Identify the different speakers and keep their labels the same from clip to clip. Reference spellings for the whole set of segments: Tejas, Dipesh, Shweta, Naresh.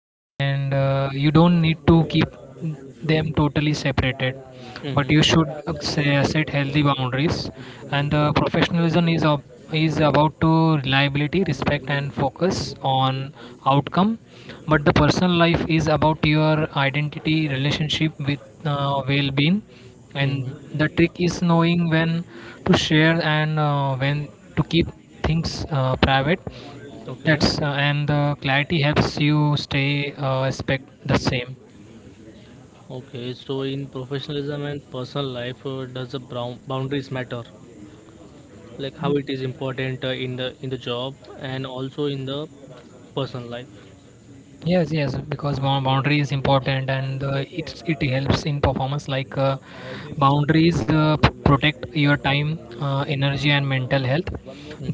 Speaker 1: and you don't need to keep them totally separated, but
Speaker 2: Mm-hmm.
Speaker 1: you should say, set healthy boundaries. And the professionalism is about to reliability, respect and focus on outcome, but the personal life is about your identity, relationship with well-being. And the
Speaker 2: Mm-hmm.
Speaker 1: trick is knowing when to share, and when to keep things private.
Speaker 2: Okay.
Speaker 1: That's uh, and the clarity helps you stay respect the same.
Speaker 2: Okay. So in professionalism and personal life, does the brown boundaries matter? Like how it is important in the job and also in the personal life.
Speaker 1: Yes, yes, because boundary is important, and it helps in performance. Boundaries protect your time, energy, and mental health.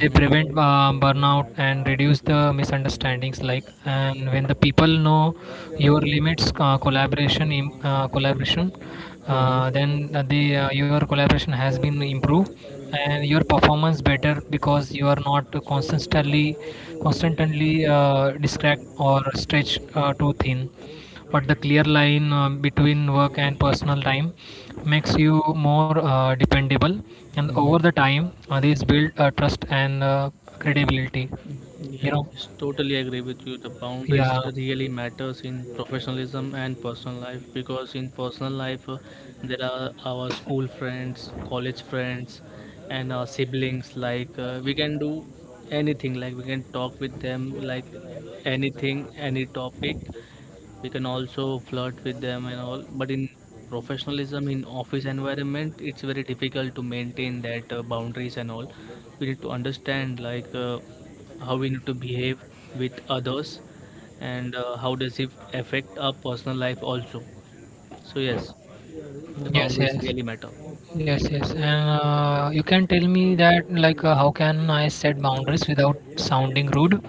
Speaker 1: They prevent burnout and reduce the misunderstandings. Like, and when the people know your limits, collaboration,
Speaker 2: Mm-hmm.
Speaker 1: then the your collaboration has been improved, and your performance better because you are not constantly distract or stretch too thin. But the clear line between work and personal time makes you more dependable, and over
Speaker 2: Mm-hmm.
Speaker 1: the time, these build trust and credibility. You
Speaker 2: Yes,
Speaker 1: know,
Speaker 2: yes, totally agree with you. The boundaries
Speaker 1: yeah,
Speaker 2: really matters in professionalism and personal life because in personal life there are our school friends, college friends, and our siblings. Like we can do anything. Like we can talk with them. Like anything, any topic, we can also flirt with them and all, but in professionalism in office environment, it's very difficult to maintain that boundaries and all. We need to understand like how we need to behave with others, and how does it affect our personal life also. So yes, the
Speaker 1: yes,
Speaker 2: boundaries
Speaker 1: yes,
Speaker 2: really matter.
Speaker 1: yes, yes. And You can tell me that, like, how can I set boundaries without sounding rude?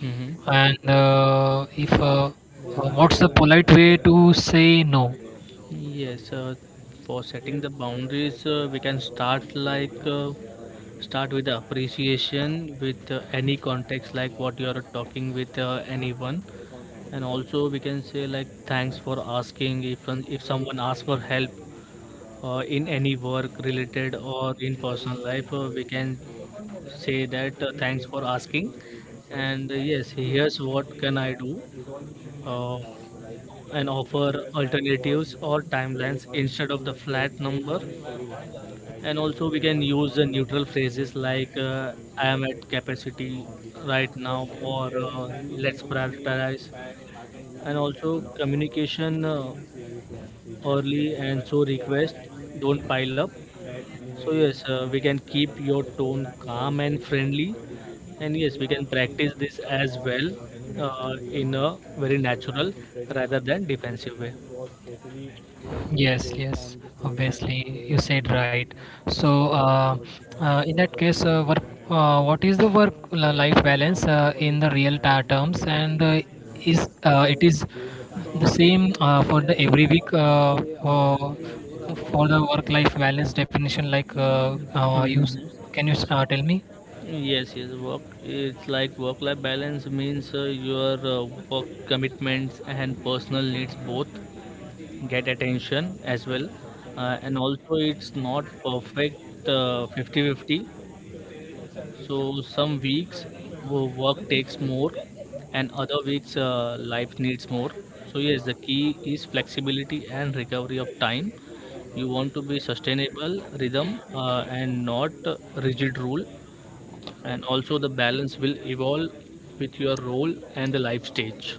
Speaker 2: Hmm.
Speaker 1: And if what's the polite way to say no?
Speaker 2: Yes, for setting the boundaries, we can start like start with the appreciation with any context, like what you are talking with anyone, and also we can say like thanks for asking, if someone asks for help in any work related or in personal life, we can say that thanks for asking, and yes, here's what can I do. Uh, and offer alternatives or timelines instead of the flat number, and also we can use the neutral phrases like I am at capacity right now, or let's prioritize, and also communication early and so requests don't pile up. So yes, we can keep your tone calm and friendly, and yes, we can practice this as well, in a very natural rather than defensive way.
Speaker 1: Yes, yes, obviously, you said right. So in that case, what is the work-life balance in the terms, and is it is the same for the every week, for the work-life balance definition? Like, you s-
Speaker 2: Mhm.
Speaker 1: can you s- tell me?
Speaker 2: Yes, yes. Work. It's like work-life balance means your work commitments and personal needs both get attention as well, and also it's not perfect 50 fifty. So some weeks work takes more, and other weeks life needs more. So yes, the key is flexibility and recovery of time. You want to be sustainable rhythm and not rigid rule, and also the balance will evolve with your role and the life stage.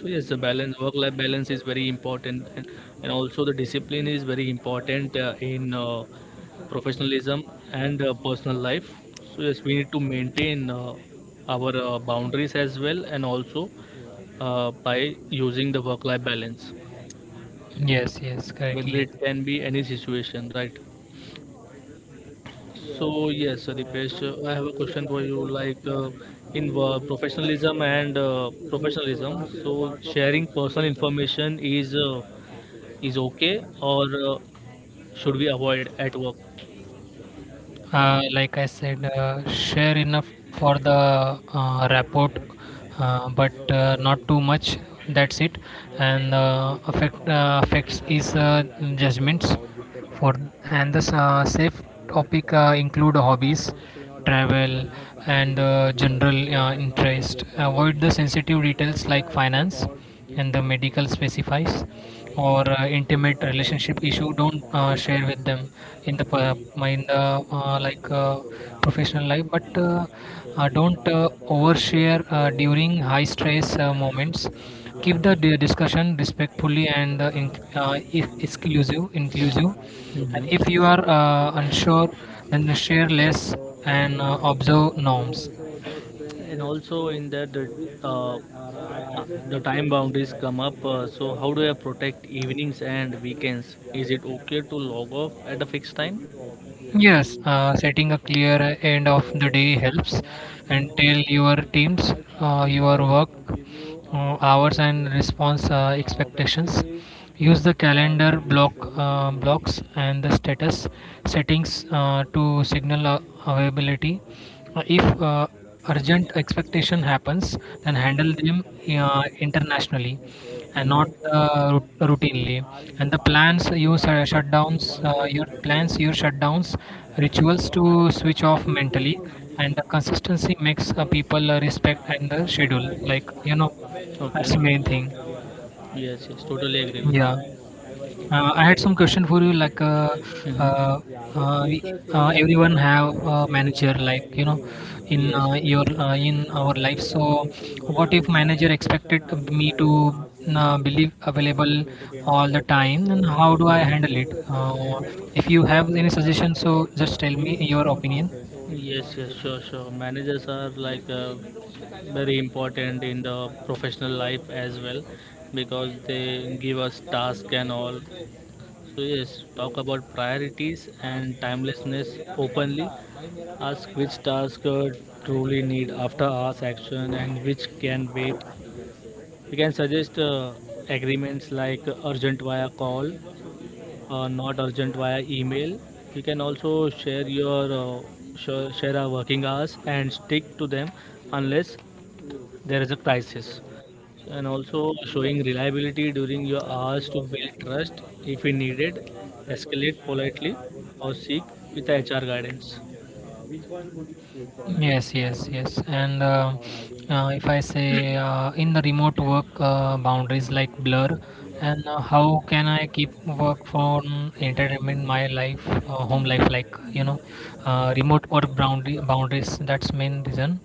Speaker 2: So yes, the balance, work life balance, is very important, and also the discipline is very important in professionalism and personal life. So yes, we need to maintain our boundaries as well, and also by using the work life balance,
Speaker 1: Yes, yes,
Speaker 2: whether
Speaker 1: correctly.
Speaker 2: it can be any situation, right? So yes, Dipesh, I have a question for you. Like in professionalism, so sharing personal information is okay, or should we avoid at work?
Speaker 1: Like I said, share enough for the rapport, but not too much. That's it. And affects is judgments for, and the safe topic include hobbies, travel, and general interest. Avoid the sensitive details like finance and the medical specifies or intimate relationship issue, don't share with them in the pa- in the professional life. But uh, uh, don't uh, overshare during high stress moments. Keep the discussion respectfully and in, if- exclusive, inclusive. And if
Speaker 2: Mm-hmm.
Speaker 1: you are unsure, then share less and observe norms.
Speaker 2: And also in that the time boundaries come up. So how do I protect evenings and weekends? Is it okay to log off at a fixed time?
Speaker 1: To Yes, choose setting a clear end of the day helps from and tell your teams like, your work hours and like response expectations. Use the calendar blocks and the status settings to signal availability. If urgent expectation happens, then handle them internationally and not
Speaker 2: Mm-hmm.
Speaker 1: routinely. And the plans you shutdowns your plans your shutdowns rituals to switch off mentally. And the consistency makes people respect and the schedule, like you know
Speaker 2: Okay.
Speaker 1: that's the main thing.
Speaker 2: Yes, yes, totally agree with
Speaker 1: yeah
Speaker 2: you.
Speaker 1: I had some question for you. Like, uh,
Speaker 2: Mm-hmm.
Speaker 1: uh, uh, we- everyone have a manager, in
Speaker 2: Yes,
Speaker 1: your
Speaker 2: yes.
Speaker 1: in our life. So, what if manager expected me to believe available all the time, and how do I handle it? If you have any suggestion, so just tell me your opinion.
Speaker 2: Yes, yes, sure, sure. Managers are like very important in the professional life as well, because they give us task and all. So yes, talk about priorities and timelessness openly. Ask which task truly need after hours action and which can wait. We can suggest agreements like urgent via call, not urgent via email. You can also share your share our working hours and stick to them unless there is a crisis. And also showing reliability during your hours to build trust. If we needed, escalate politely or seek with HR guidance.
Speaker 1: Yes, yes, driving yes. And Or riding? If I say in the remote work, boundaries like blur, and how can I keep work from entertainment in my life, home life, remote work boundary boundaries. That's main reason.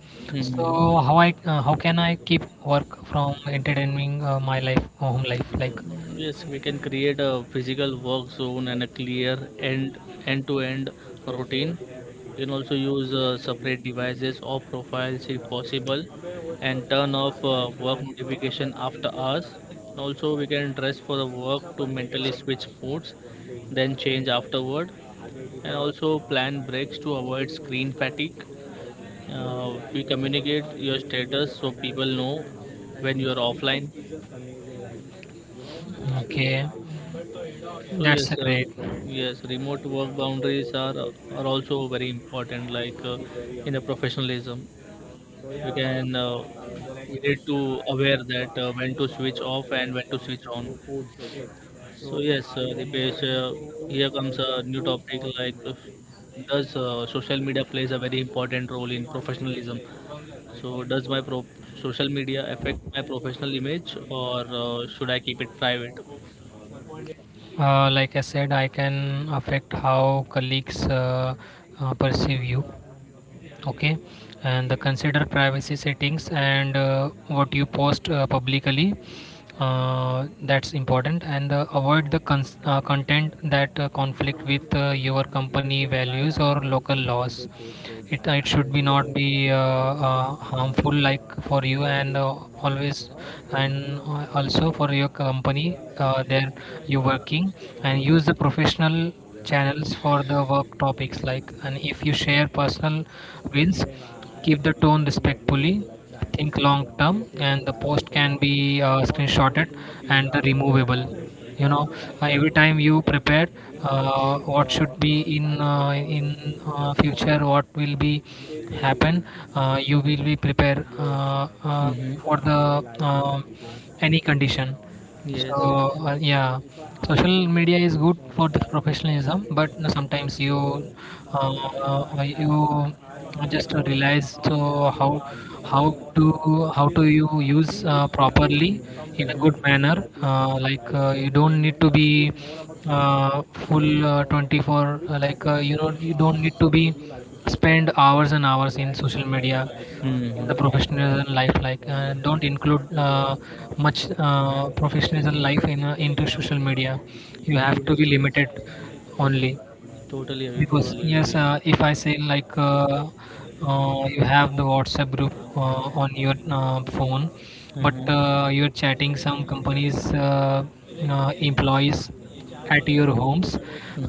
Speaker 1: So
Speaker 2: Hmm.
Speaker 1: how I how can I keep work from entertaining my life, home life, like.
Speaker 2: Yes, we can create a physical work zone and a clear end-to-end routine. You can also use separate devices or profiles if possible, and turn off work notification after hours. Also, we can dress for the work to mentally switch modes, then change afterward, and also plan breaks to avoid screen fatigue. We communicate your status so people know when you are offline.
Speaker 1: Okay,
Speaker 2: So yes,
Speaker 1: that's a great.
Speaker 2: yes, remote work boundaries are also very important. Like in the professionalism, we can uh, we need to aware that when to switch off and when to switch on. So yes, Dipesh, here comes a new topic. Like does social media plays a very important role in professionalism? So does social media affect my professional image, or should I keep it private?
Speaker 1: Like I said, I can affect how colleagues perceive you. Okay, and the consider privacy settings and what you post publicly, that's important. And avoid the content that conflict with your company values or local laws. It should be not be harmful like for you and always, and also for your company there you working. And use the professional channels for the work topics, like, and if you share personal wins, keep the tone respectfully. Think long term, and the post can be screenshotted and the removable, you know every time you prepared what should be in future what will be happen. You will be prepared
Speaker 2: Mm-hmm.
Speaker 1: for the um any condition.
Speaker 2: Yes,
Speaker 1: so
Speaker 2: yes.
Speaker 1: yeah, social media is good for the professionalism, but sometimes you uh, you just realize so how, how to you use properly in a good manner. Like, you don't need to be full 24. You don't need to be spend hours and hours in social media in
Speaker 2: Mm-hmm.
Speaker 1: the professionalism life. Don't include much professionalism life in into social media. You have to
Speaker 2: Yes,
Speaker 1: be
Speaker 2: yes.
Speaker 1: limited only.
Speaker 2: Totally agree,
Speaker 1: Because
Speaker 2: totally agree.
Speaker 1: yes, if I say like, you have the WhatsApp group on your phone, but
Speaker 2: Mm-hmm.
Speaker 1: uh, you're chatting some companies employees at your homes.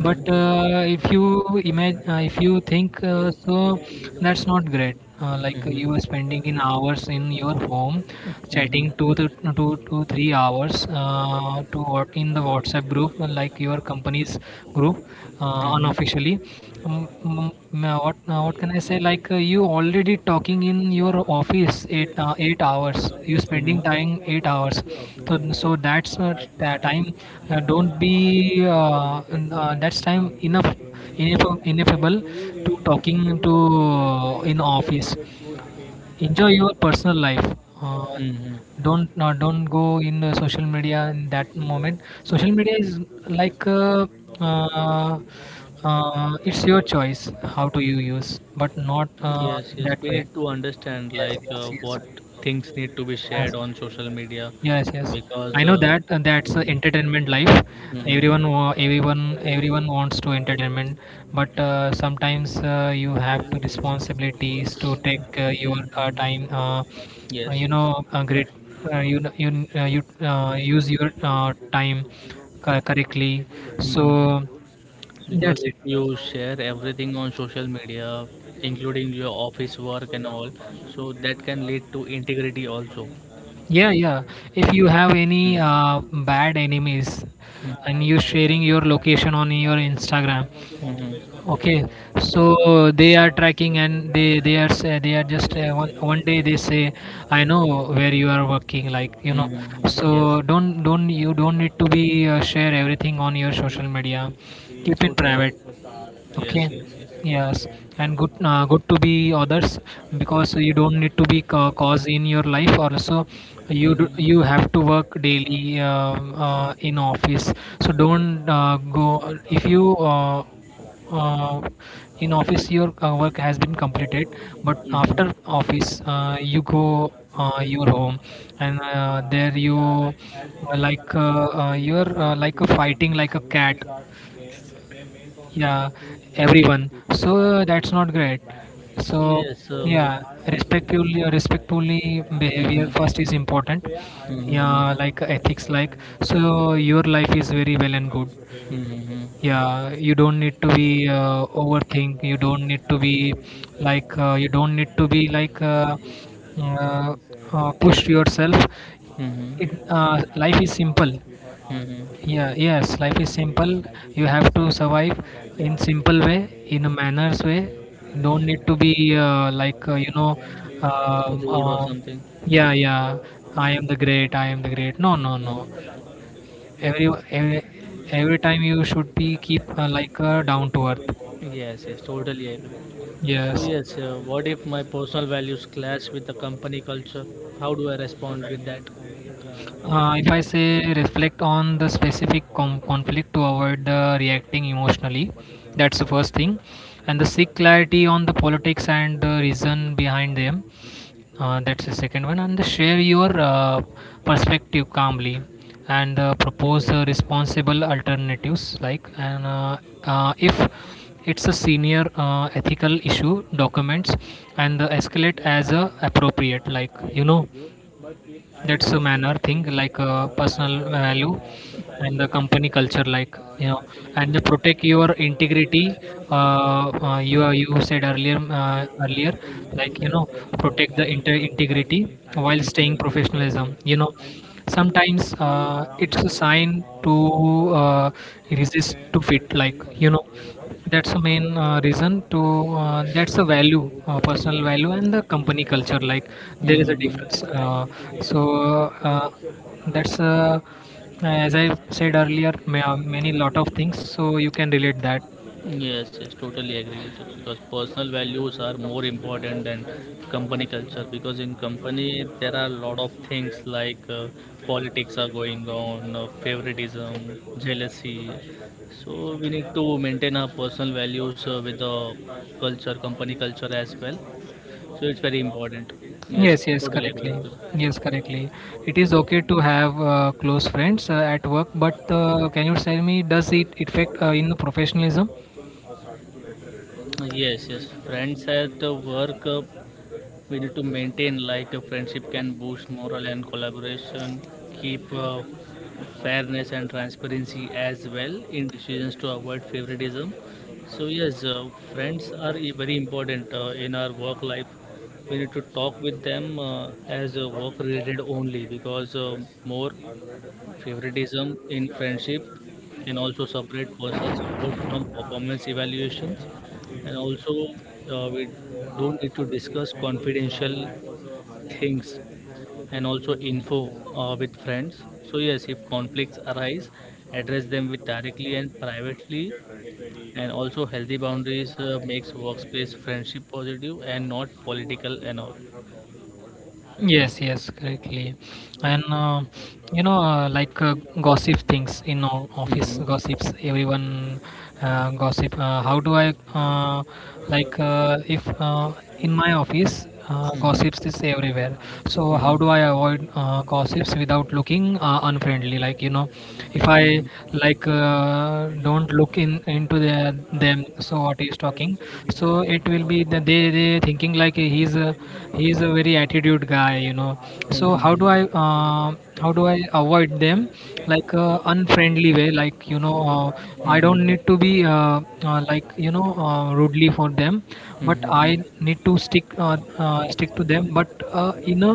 Speaker 1: but uh, if you imagine, if you think, so that's not great, like
Speaker 2: Mm-hmm.
Speaker 1: you are spending in hours in your home chatting two to three hours to what in the WhatsApp group like your company's group,
Speaker 2: Mm-hmm.
Speaker 1: unofficially. um, um, what can I say? You already talking in your office 8 hours. You
Speaker 2: Mm-hmm.
Speaker 1: spending time 8 hours. So that's that time. Don't be n- That's time enough, ineffable to talking to in office. Enjoy your personal life. uh,
Speaker 2: Mm-hmm.
Speaker 1: don't go in social media in that moment. Social media is like, uh, it's your choice how to you use, but not
Speaker 2: Yes,
Speaker 1: in
Speaker 2: yes.
Speaker 1: that
Speaker 2: We
Speaker 1: way.
Speaker 2: need to understand
Speaker 1: Yes,
Speaker 2: like
Speaker 1: yes, yes,
Speaker 2: what things need to be
Speaker 1: yes.
Speaker 2: shared on social media,
Speaker 1: Yes, yes. I
Speaker 2: because
Speaker 1: know that that's
Speaker 2: mhm,
Speaker 1: entertainment life.
Speaker 2: mhm,
Speaker 1: Everyone, everyone wants to entertainment, but sometimes you have to responsibilities to take your
Speaker 2: mhm,
Speaker 1: time.
Speaker 2: yes, yes.
Speaker 1: Great. You kn- you kn- you Use your time correctly.
Speaker 2: Mhm.
Speaker 1: So
Speaker 2: Because
Speaker 1: that's
Speaker 2: if
Speaker 1: it.
Speaker 2: you share everything on social media, including your office work and all, so that can lead to integrity also.
Speaker 1: Yeah, yeah. If you have any
Speaker 2: Mm,
Speaker 1: bad enemies,
Speaker 2: mm,
Speaker 1: and you sharing your location on your Instagram.
Speaker 2: mhm,
Speaker 1: Okay, so they are tracking, and they are say, they are just, one day they say, I know where you are working,
Speaker 2: mhm, yes.
Speaker 1: so don't you don't need to be share everything on your social media. Keep it
Speaker 2: Totally.
Speaker 1: private.
Speaker 2: Yes,
Speaker 1: Okay.
Speaker 2: yes, yes.
Speaker 1: Yes. And good, good to be others, because you don't need to be cause in your life also. You do,
Speaker 2: Mm-hmm.
Speaker 1: you have to work daily, in office. So don't go if you uh, in office your work has been completed, but
Speaker 2: Mm-hmm.
Speaker 1: after office you go your home, and there you like a fighting like a cat, yeah, everyone. That's not great.
Speaker 2: So
Speaker 1: so
Speaker 2: yes, so
Speaker 1: yeah, respectfully behavior first
Speaker 2: mm-hmm.
Speaker 1: is important. Yeah,
Speaker 2: Mm-hmm.
Speaker 1: like ethics, like, so your life is very well and good.
Speaker 2: Mm-hmm.
Speaker 1: Yeah, you don't need to be overthink. You don't need to be like, uh, push yourself.
Speaker 2: Mm-hmm.
Speaker 1: Life is simple.
Speaker 2: Mm-hmm.
Speaker 1: Yeah, yes, life is simple. You have to survive in simple way, in a manners way. Don't need to be um,
Speaker 2: Road or
Speaker 1: uh,
Speaker 2: something.
Speaker 1: yeah, yeah. I am the great. I am the great. No, no, no.
Speaker 2: Mm.
Speaker 1: Every every, every time you should be keep down to earth.
Speaker 2: Yes, yes, totally agree. So
Speaker 1: Yes.
Speaker 2: yes, what if my personal values clash with the company culture? How do I respond with that?
Speaker 1: If I say reflect on the specific conflict to avoid the reacting emotionally, that's the first thing. And the seek clarity on the politics and the reason behind them, that's the second one. And the share your perspective calmly and propose responsible alternatives, like and if it's a senior ethical issue, documents and escalate as appropriate, that's a manner thing, like personal value and the company culture, and the protect your integrity. uh, you said earlier, like you know protect the integrity while staying
Speaker 2: Mm-hmm.
Speaker 1: professionalism, sometimes it's a sign to uh, resist to fit, that's the main reason to that's the value, personal value and the company culture, like there is a difference.
Speaker 2: Mm-hmm.
Speaker 1: So uh, that's, as I said earlier, many lot of things, so you can relate that.
Speaker 2: Yes, yes, totally agree with you, because personal values are more important than company culture, because in company there are a lot of things like politics are going on, favoritism, jealousy. So we need to maintain our personal values with the culture, company culture as well. So it's very important. Yes,
Speaker 1: Yes, yes,
Speaker 2: totally agree
Speaker 1: correctly,
Speaker 2: with
Speaker 1: yes, correctly. It is okay to have close friends at work, but can you tell me, does it affect in the professionalism?
Speaker 2: you. Yes, yes, friends at work. We need to maintain like a friendship can boost morale and collaboration, keep fairness and transparency as well in decisions to avoid favoritism. So yes, friends are very important in our work life. We need to talk with them as work related only, because more favoritism in friendship can also separate personal support from performance evaluations, and also we don't need to discuss confidential things and also info with friends. So yes, if conflicts arise, address them with directly and privately, and also healthy boundaries makes workspace friendship positive and not political and all.
Speaker 1: Yes, yes, correctly. And you know, uh, like uh, gossip things in office
Speaker 2: Mhm,
Speaker 1: gossips, everyone gossip. How do I, if in my office
Speaker 2: mhm,
Speaker 1: gossips is everywhere? So
Speaker 2: mhm,
Speaker 1: how
Speaker 2: mhm,
Speaker 1: do I avoid gossips without looking unfriendly? If I, don't look in into their them, so what he is talking, so it will be that they thinking like he's a, he's a very attitude guy, so
Speaker 2: mhm,
Speaker 1: how do
Speaker 2: mhm,
Speaker 1: I how do I avoid them, unfriendly way, I don't
Speaker 2: mhm,
Speaker 1: need to be rudely for them, but
Speaker 2: mhm,
Speaker 1: I
Speaker 2: mhm,
Speaker 1: need to stick, stick to them, but in a,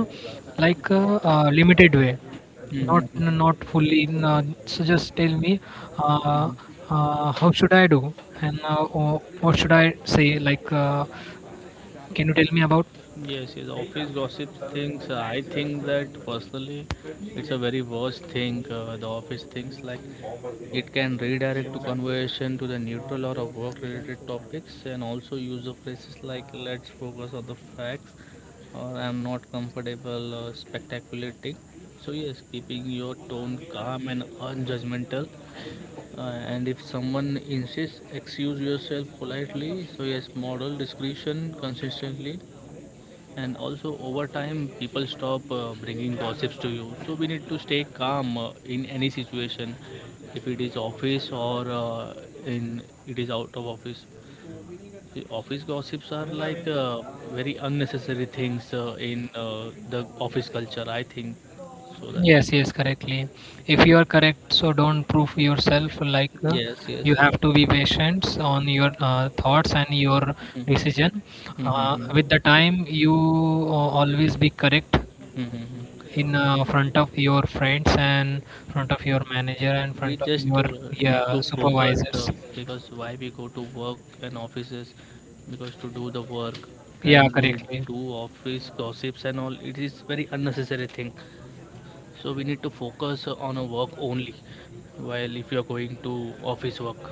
Speaker 1: like uh, limited way, not
Speaker 2: mhm,
Speaker 1: not fully. No, so just tell me, uh,
Speaker 2: mhm.
Speaker 1: how should I do, and or what should I say? Can you tell me about?
Speaker 2: Yes, yes, office gossip things. I think that personally, it's a very worst thing. The office things like it can redirect to conversation to the neutral or work-related topics, and also use of phrases like "let's focus on the facts" or "I'm not comfortable" or "spectaculating." So yes, keeping your tone calm and unjudgmental, and if someone insists, excuse yourself politely. So yes, model discretion consistently, and also, over time, people stop bringing gossips to you. So we need to stay calm in any situation, if it is office or in it is out of office. The office gossips are like very unnecessary things in the office culture. I think so that.
Speaker 1: Yes, yes, correctly. If you are correct, so don't prove yourself.
Speaker 2: Yes, yes,
Speaker 1: You
Speaker 2: yes.
Speaker 1: have to be patient on your thoughts and your decision.
Speaker 2: Hmm,
Speaker 1: With the
Speaker 2: hmm,
Speaker 1: time, you always be correct
Speaker 2: hmm,
Speaker 1: in front of your friends and front of your manager and
Speaker 2: we
Speaker 1: front of
Speaker 2: just
Speaker 1: your,
Speaker 2: need to
Speaker 1: yeah,
Speaker 2: focus
Speaker 1: supervisors,
Speaker 2: because why we go to work and offices? Because to do the work,
Speaker 1: yeah,
Speaker 2: and we
Speaker 1: correctly.
Speaker 2: do office gossips and all, it is very unnecessary thing. So we need to focus on a work only while if you are going to office work.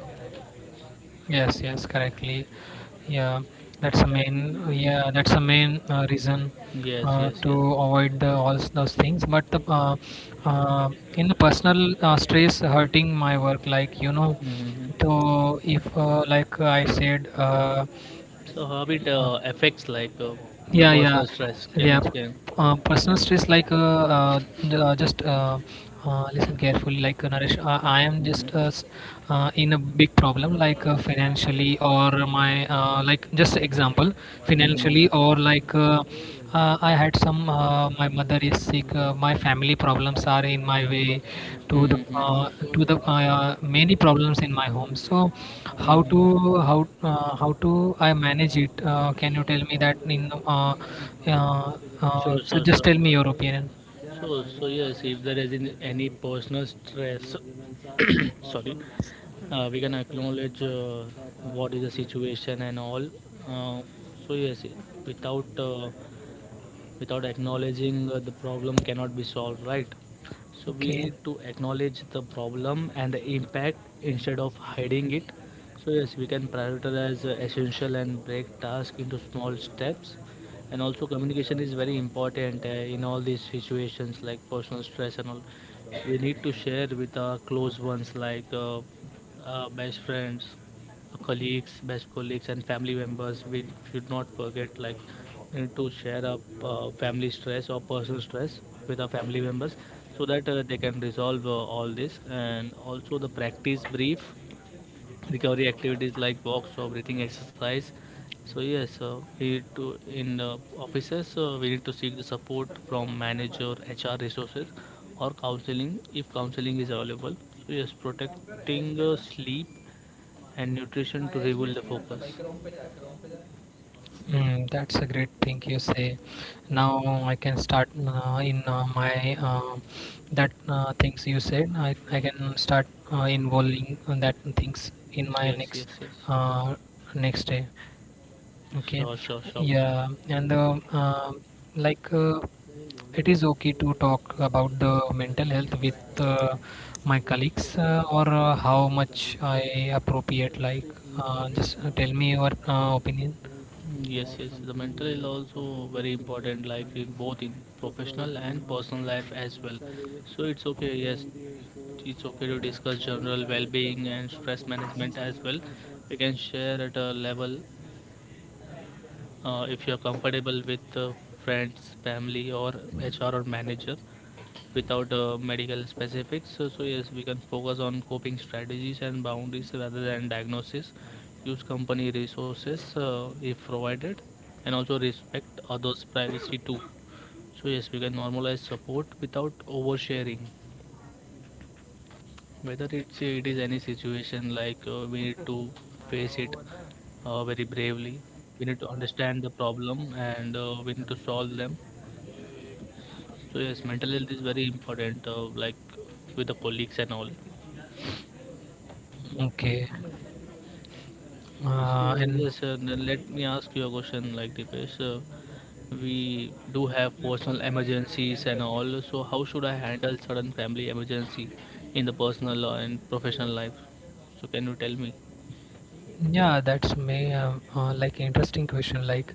Speaker 1: Yes, yes, correctly. Yeah, that's the main,
Speaker 2: And
Speaker 1: yeah, that's the main reason
Speaker 2: yes, yes,
Speaker 1: to
Speaker 2: yes.
Speaker 1: avoid the all those things, but the uh, in the personal stress hurting my work,
Speaker 2: Mm-hmm.
Speaker 1: so if like I said,
Speaker 2: So how it
Speaker 1: uh,
Speaker 2: affects like the
Speaker 1: yeah yeah
Speaker 2: personal stress, can you
Speaker 1: yeah p-
Speaker 2: explain,
Speaker 1: personal
Speaker 2: and,
Speaker 1: stress, like uh, j- just listen carefully, Naresh, I am just in a big problem, financially, or my like just example, financially,
Speaker 2: mm-hmm.
Speaker 1: or I had some, my mother is sick, my family problems are in my way to the uh,
Speaker 2: Mm-hmm.
Speaker 1: to the many problems in my home, so how to,
Speaker 2: Mm-hmm.
Speaker 1: how how to I manage it? Can you tell me that in
Speaker 2: Sure, sure,
Speaker 1: so
Speaker 2: sure.
Speaker 1: just tell me your opinion.
Speaker 2: So, so yes, if there is in any personal stress, sorry, we can acknowledge what is the situation and all. Uh, so yes, without without acknowledging the problem cannot be solved, right? So we
Speaker 1: Okay,
Speaker 2: need to acknowledge the problem and the impact instead of hiding it. So yes, we can prioritize essential and break tasks into small steps, and also communication is very important in all these situations like personal stress and all. We need to share with our close ones, like our best friends, colleagues, best colleagues, and family members. We should not forget like to share up family stress or personal stress with our family members, so that they can resolve all this. And also the practice brief recovery activities like walks or breathing exercise. So yes, we need to in offices we need to seek the support from manager, HR resources, or counseling if counseling is available. So yes, protecting sleep and nutrition to rebuild the focus.
Speaker 1: mm, that's a great thing you say. Now I can start in my that things you said. I can start involving on that things in my
Speaker 2: Yes,
Speaker 1: next
Speaker 2: yes, yes.
Speaker 1: uh, next day. Okay,
Speaker 2: Sure, sure, sure.
Speaker 1: yeah, and like uh, it is okay to talk about the mental health with my colleagues or how much I appropriate. Like, just tell me your opinion.
Speaker 2: Yes, yes. The mental is also very important, like in both in professional and personal life as well. So it's okay. Yes, it's okay to discuss general well-being and stress management as well. We can share at a level if you're comfortable with friends, family, or HR or manager, without medical specifics. So yes, we can focus on coping strategies and boundaries rather than diagnosis. Use company resources if provided, and also respect others' privacy too. So yes, we can normalize support without oversharing. Whether it is any situation, like we need to face it very bravely. We need to understand the problem, and we need to solve them. So yes, mental health is very important, like with the colleagues and all.
Speaker 1: Okay,
Speaker 2: So
Speaker 1: and
Speaker 2: yes, then let me ask you a question, like Dipesh. We do have personal emergencies and all. So how should I handle sudden family emergency in the personal and professional life? So can you tell me?
Speaker 1: yeah, that's may like interesting question, like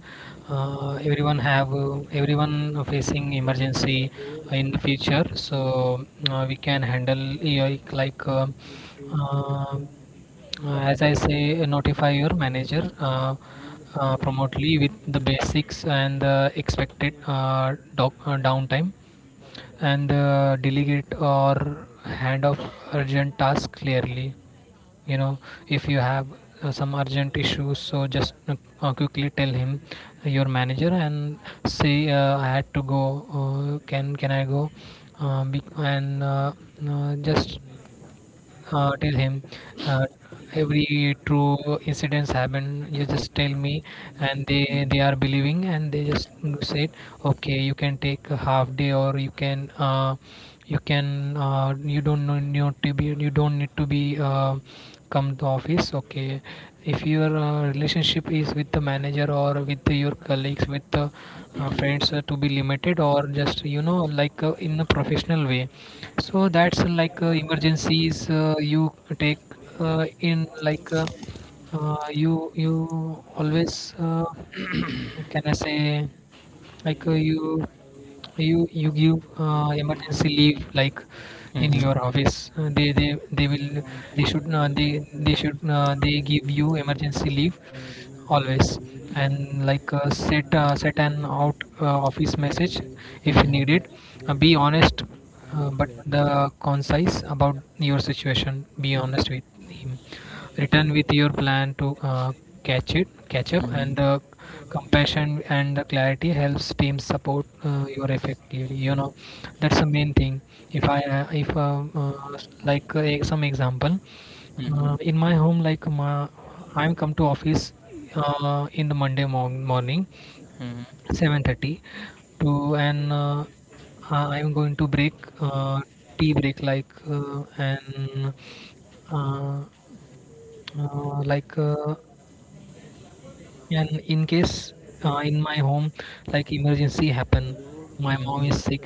Speaker 1: everyone have, everyone facing emergency in the future, so we can handle, yeah, uh, as I say, notify your manager promotely with the basics and the expected downtime, and delegate or hand off urgent tasks clearly, you know. If you have some urgent issues, so just quickly tell him, your manager, and say, I had to go, can I go, be, and just tell him uh, every true incidents happen, you just tell me, and they are believing, and they just said, okay, you can take a half day, or you can you can you don't need to be come to office, okay. If your relationship is with the manager or with your colleagues, with the friends, to be limited, or just, you know, in a professional way. So that's like emergencies. You take in like you you always, can I say, you you give emergency leave, like in your
Speaker 2: Mm-hmm.
Speaker 1: office. They they will, they should they should they give you emergency leave always. And set an out office message if needed.
Speaker 2: Mm-hmm.
Speaker 1: Be honest, but the concise about your situation, be honest with him, return with your plan to catch it catch up, and the compassion and the clarity helps team support your effectively, you know. That's the main thing. If I if like e-, Some example,
Speaker 2: Mm-hmm.
Speaker 1: in my home like my, I'm come to office in the Monday morning 7:30 to, and I'm going to break, uh, tea break, uh, uh, like uh, and in case in my home like emergency happen, my mom is
Speaker 2: Mm-hmm.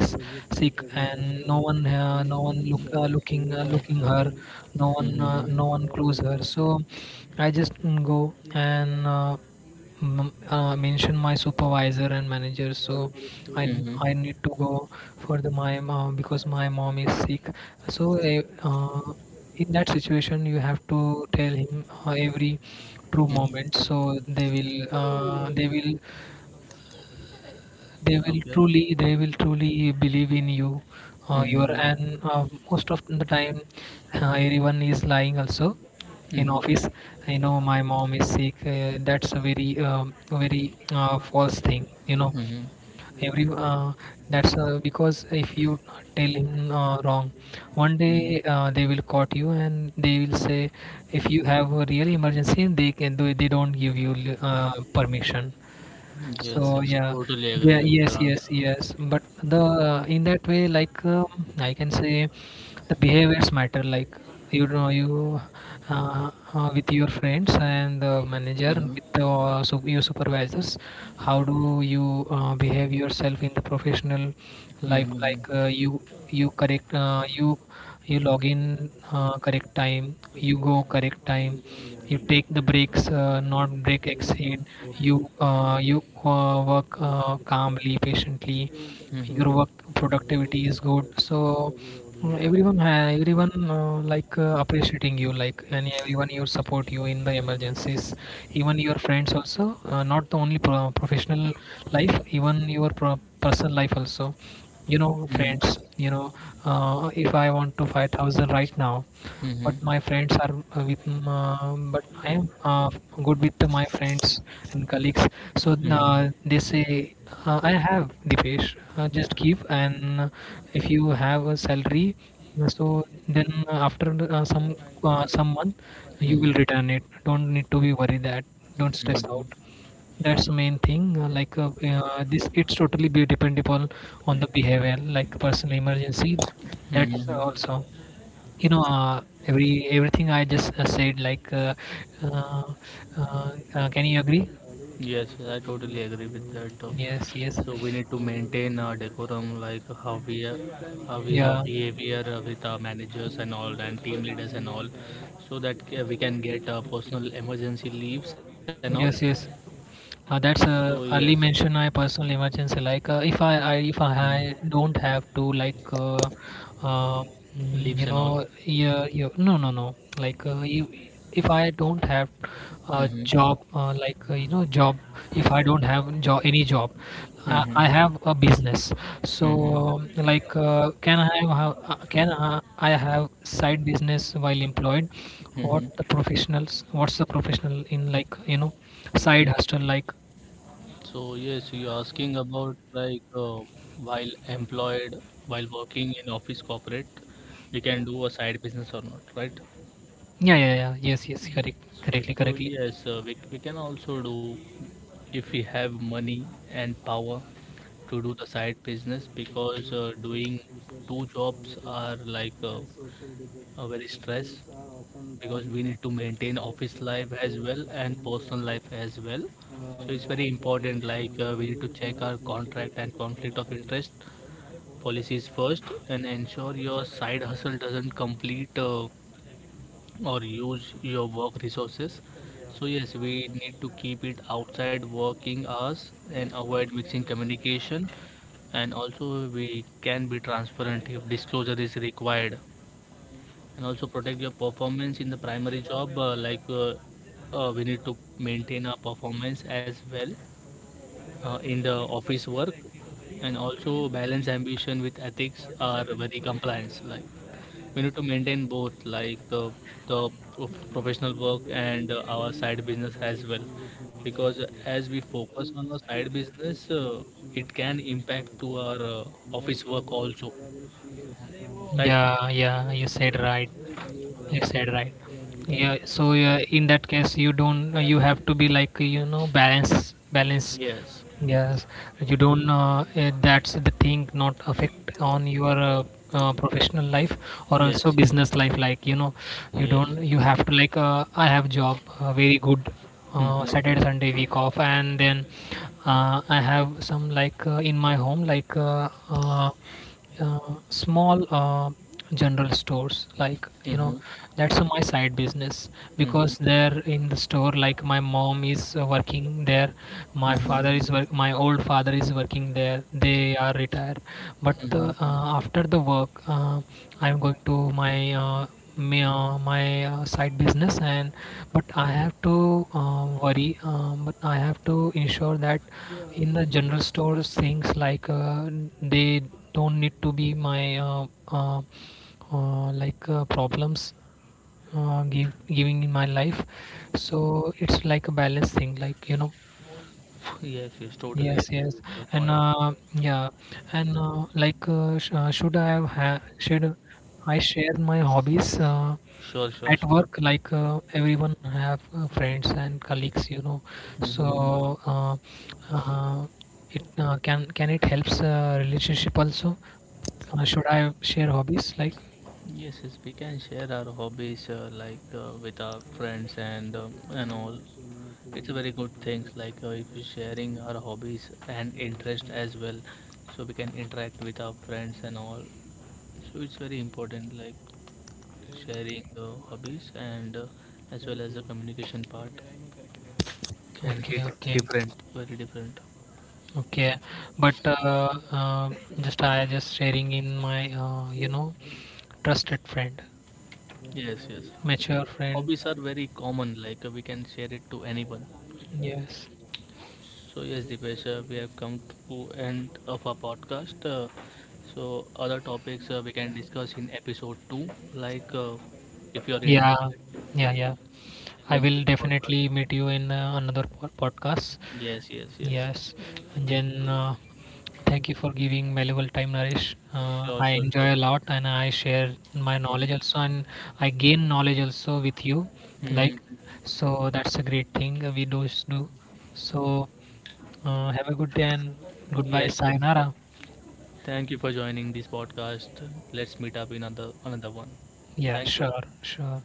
Speaker 1: sick, and no one looking looking her, no one, close
Speaker 2: Mm-hmm.
Speaker 1: her. So I just mm, go, and mention my supervisor and manager. So i
Speaker 2: Mm-hmm.
Speaker 1: I need to go for the my mom because my mom is sick. So uh, in that situation, you have to tell him every true moment,
Speaker 2: Mm-hmm.
Speaker 1: so they will
Speaker 2: Okay.
Speaker 1: truly, believe in you, your,
Speaker 2: Mm-hmm.
Speaker 1: and most of the time everyone is lying also in office.
Speaker 2: Mm-hmm.
Speaker 1: I know my mom is sick, that's a very very false thing, you know.
Speaker 2: Mm-hmm.
Speaker 1: Every that's Because if you tell him wrong one
Speaker 2: Mm-hmm.
Speaker 1: day, they will caught you and they will say, if you have a real emergency, they can do, they don't give you permission.
Speaker 2: Yes,
Speaker 1: So
Speaker 2: yes,
Speaker 1: yeah,
Speaker 2: totally
Speaker 1: yeah,
Speaker 2: agree with
Speaker 1: yes,
Speaker 2: your answer.
Speaker 1: yes, yes. But the in that way, I can say, the behaviors matter. You, with your friends and the manager, with the your supervisors, how do you behave yourself in the professional life?
Speaker 2: Mm-hmm.
Speaker 1: You you correct you you log in correct time, you go correct time, you take the breaks, not break exceed, you you work calmly, patiently, your
Speaker 2: Mm-hmm.
Speaker 1: work productivity is good. So, mm, everyone appreciating you, like, and everyone you support you in the emergencies, even your friends also, not the only professional life, even your personal life also, you know,
Speaker 2: Mhm,
Speaker 1: friends, you know, if I want to 5,000 right now, but
Speaker 2: mhm,
Speaker 1: my friends are but I am good with my friends and colleagues. So
Speaker 2: mhm,
Speaker 1: they say, I have Dipesh, just give, and if you have a salary, so then after uh, some some month you will
Speaker 2: mhm,
Speaker 1: return it. Don't need to be worried that, don't stress out.
Speaker 2: mhm,
Speaker 1: That's the main thing, this, it's totally be dependable on the behavior, like personal emergency. That's
Speaker 2: mhm.
Speaker 1: also, you know, everything I just said, uh, can you agree?
Speaker 2: Yes, I totally agree with that.
Speaker 1: Yes, yes,
Speaker 2: So we need to maintain our decorum, like how we, how is our
Speaker 1: yeah,
Speaker 2: behavior with our managers and all, and team leaders and all, so that we can get personal emergency leaves and all.
Speaker 1: yes, yes.
Speaker 2: So
Speaker 1: That's
Speaker 2: yes,
Speaker 1: a early mention, I, personal emergency. If I, if
Speaker 2: mhm,
Speaker 1: I don't have to, uh, mm,
Speaker 2: leaves and
Speaker 1: you
Speaker 2: all.
Speaker 1: know, yeah, you, no, no, no, you, if I don't have
Speaker 2: Mm-hmm,
Speaker 1: a
Speaker 2: mm-hmm,
Speaker 1: job, job, if I don't have job, any job, I have a business. So
Speaker 2: mm-hmm,
Speaker 1: can I I have side business while employed, what
Speaker 2: mm-hmm.
Speaker 1: the professionals, what's the professional in, side hustle like?
Speaker 2: So yes, you're asking about, like while employed, while working in office corporate, we can do a side business or not, right?
Speaker 1: Yeah, yeah, yeah, yes, yes, correct, correctly,
Speaker 2: So
Speaker 1: correctly.
Speaker 2: yes, we can also do if we have money and power to do the side business, because doing two jobs are like a very stress. Because we need to maintain office life as well and personal life as well, so it's very important, like we need to check our contract and conflict of interest policies first, and ensure your side hustle doesn't complete or use your work resources. So yes, we need to keep it outside working hours and avoid mixing communication, and also we can be transparent if disclosure is required. And also protect your performance in the primary job, like we need to maintain our performance as well, in the office work. And also balance ambition with ethics are very compliance, like we need to maintain both, like the professional work and our side business as well. Because as we focus on the side business, it can impact to our office work also, right?
Speaker 1: Yeah, yeah, you said right. You said right. Yeah, so yeah, in that case, you don't, you have to be, balance, balance.
Speaker 2: Yes,
Speaker 1: Yes, you don't. That's the thing, not affect on your professional life, or also
Speaker 2: yes,
Speaker 1: business life. You
Speaker 2: yes.
Speaker 1: don't. You have to like, I have job, very good.
Speaker 2: Mm-hmm.
Speaker 1: Saturday, Sunday week off, and then I have some, in my home, like small general stores, like you know,
Speaker 2: Mm-hmm.
Speaker 1: that's my side business.
Speaker 2: Mm-hmm.
Speaker 1: Because there in the store, like, my mom is working there, my
Speaker 2: Mm-hmm.
Speaker 1: father is work my old father is working there, they are retired, but
Speaker 2: Mm-hmm.
Speaker 1: after the work, I'm going to my side business. And but I have to worry but I have to ensure that in the general stores things, they don't need to be my problems, giving in my life. So it's like a balanced thing, like you know.
Speaker 2: Yes, yes, totally
Speaker 1: Yes,
Speaker 2: agree
Speaker 1: yes,
Speaker 2: with your point.
Speaker 1: and yeah, and should I should I share my hobbies
Speaker 2: Sure, sure,
Speaker 1: at
Speaker 2: sure.
Speaker 1: work? Like everyone have friends and colleagues, you know.
Speaker 2: Mhm.
Speaker 1: So uh, it can it helps relationship also? Should I share hobbies like?
Speaker 2: Yes, yes, we can share our hobbies like with our friends and all. It's a very good thing. Like if we're sharing our hobbies and interest as well, so we can interact with our friends and all. So it's very important, like sharing hobbies and as well as the communication part can
Speaker 1: Okay,
Speaker 2: hit
Speaker 1: okay,
Speaker 2: different, very different.
Speaker 1: okay. But just I just sharing in my, you know, trusted friend,
Speaker 2: Yes, yes.
Speaker 1: mature friend.
Speaker 2: Hobbies are very common. Like we can share it to anyone.
Speaker 1: Yes.
Speaker 2: So yes, Dipesh, we have come to end of our podcast. So other topics we can discuss in episode two, like if you are
Speaker 1: Yeah.
Speaker 2: interested.
Speaker 1: Yeah. Yeah, I
Speaker 2: then-
Speaker 1: will definitely meet you in another podcast.
Speaker 2: Yes, yes, yes.
Speaker 1: Yes. And then thank you for giving valuable time, Naresh.
Speaker 2: Sure, sure,
Speaker 1: I
Speaker 2: sure.
Speaker 1: enjoy a lot, and I share my knowledge also, and I gain knowledge also with you.
Speaker 2: Mhm.
Speaker 1: Like, so that's a great thing we do. So have a good day, and goodbye,
Speaker 2: Yes.
Speaker 1: sayonara.
Speaker 2: Thank you for joining this podcast. Let's meet up in another one.
Speaker 1: Yeah,
Speaker 2: Thank you.
Speaker 1: sure, sure.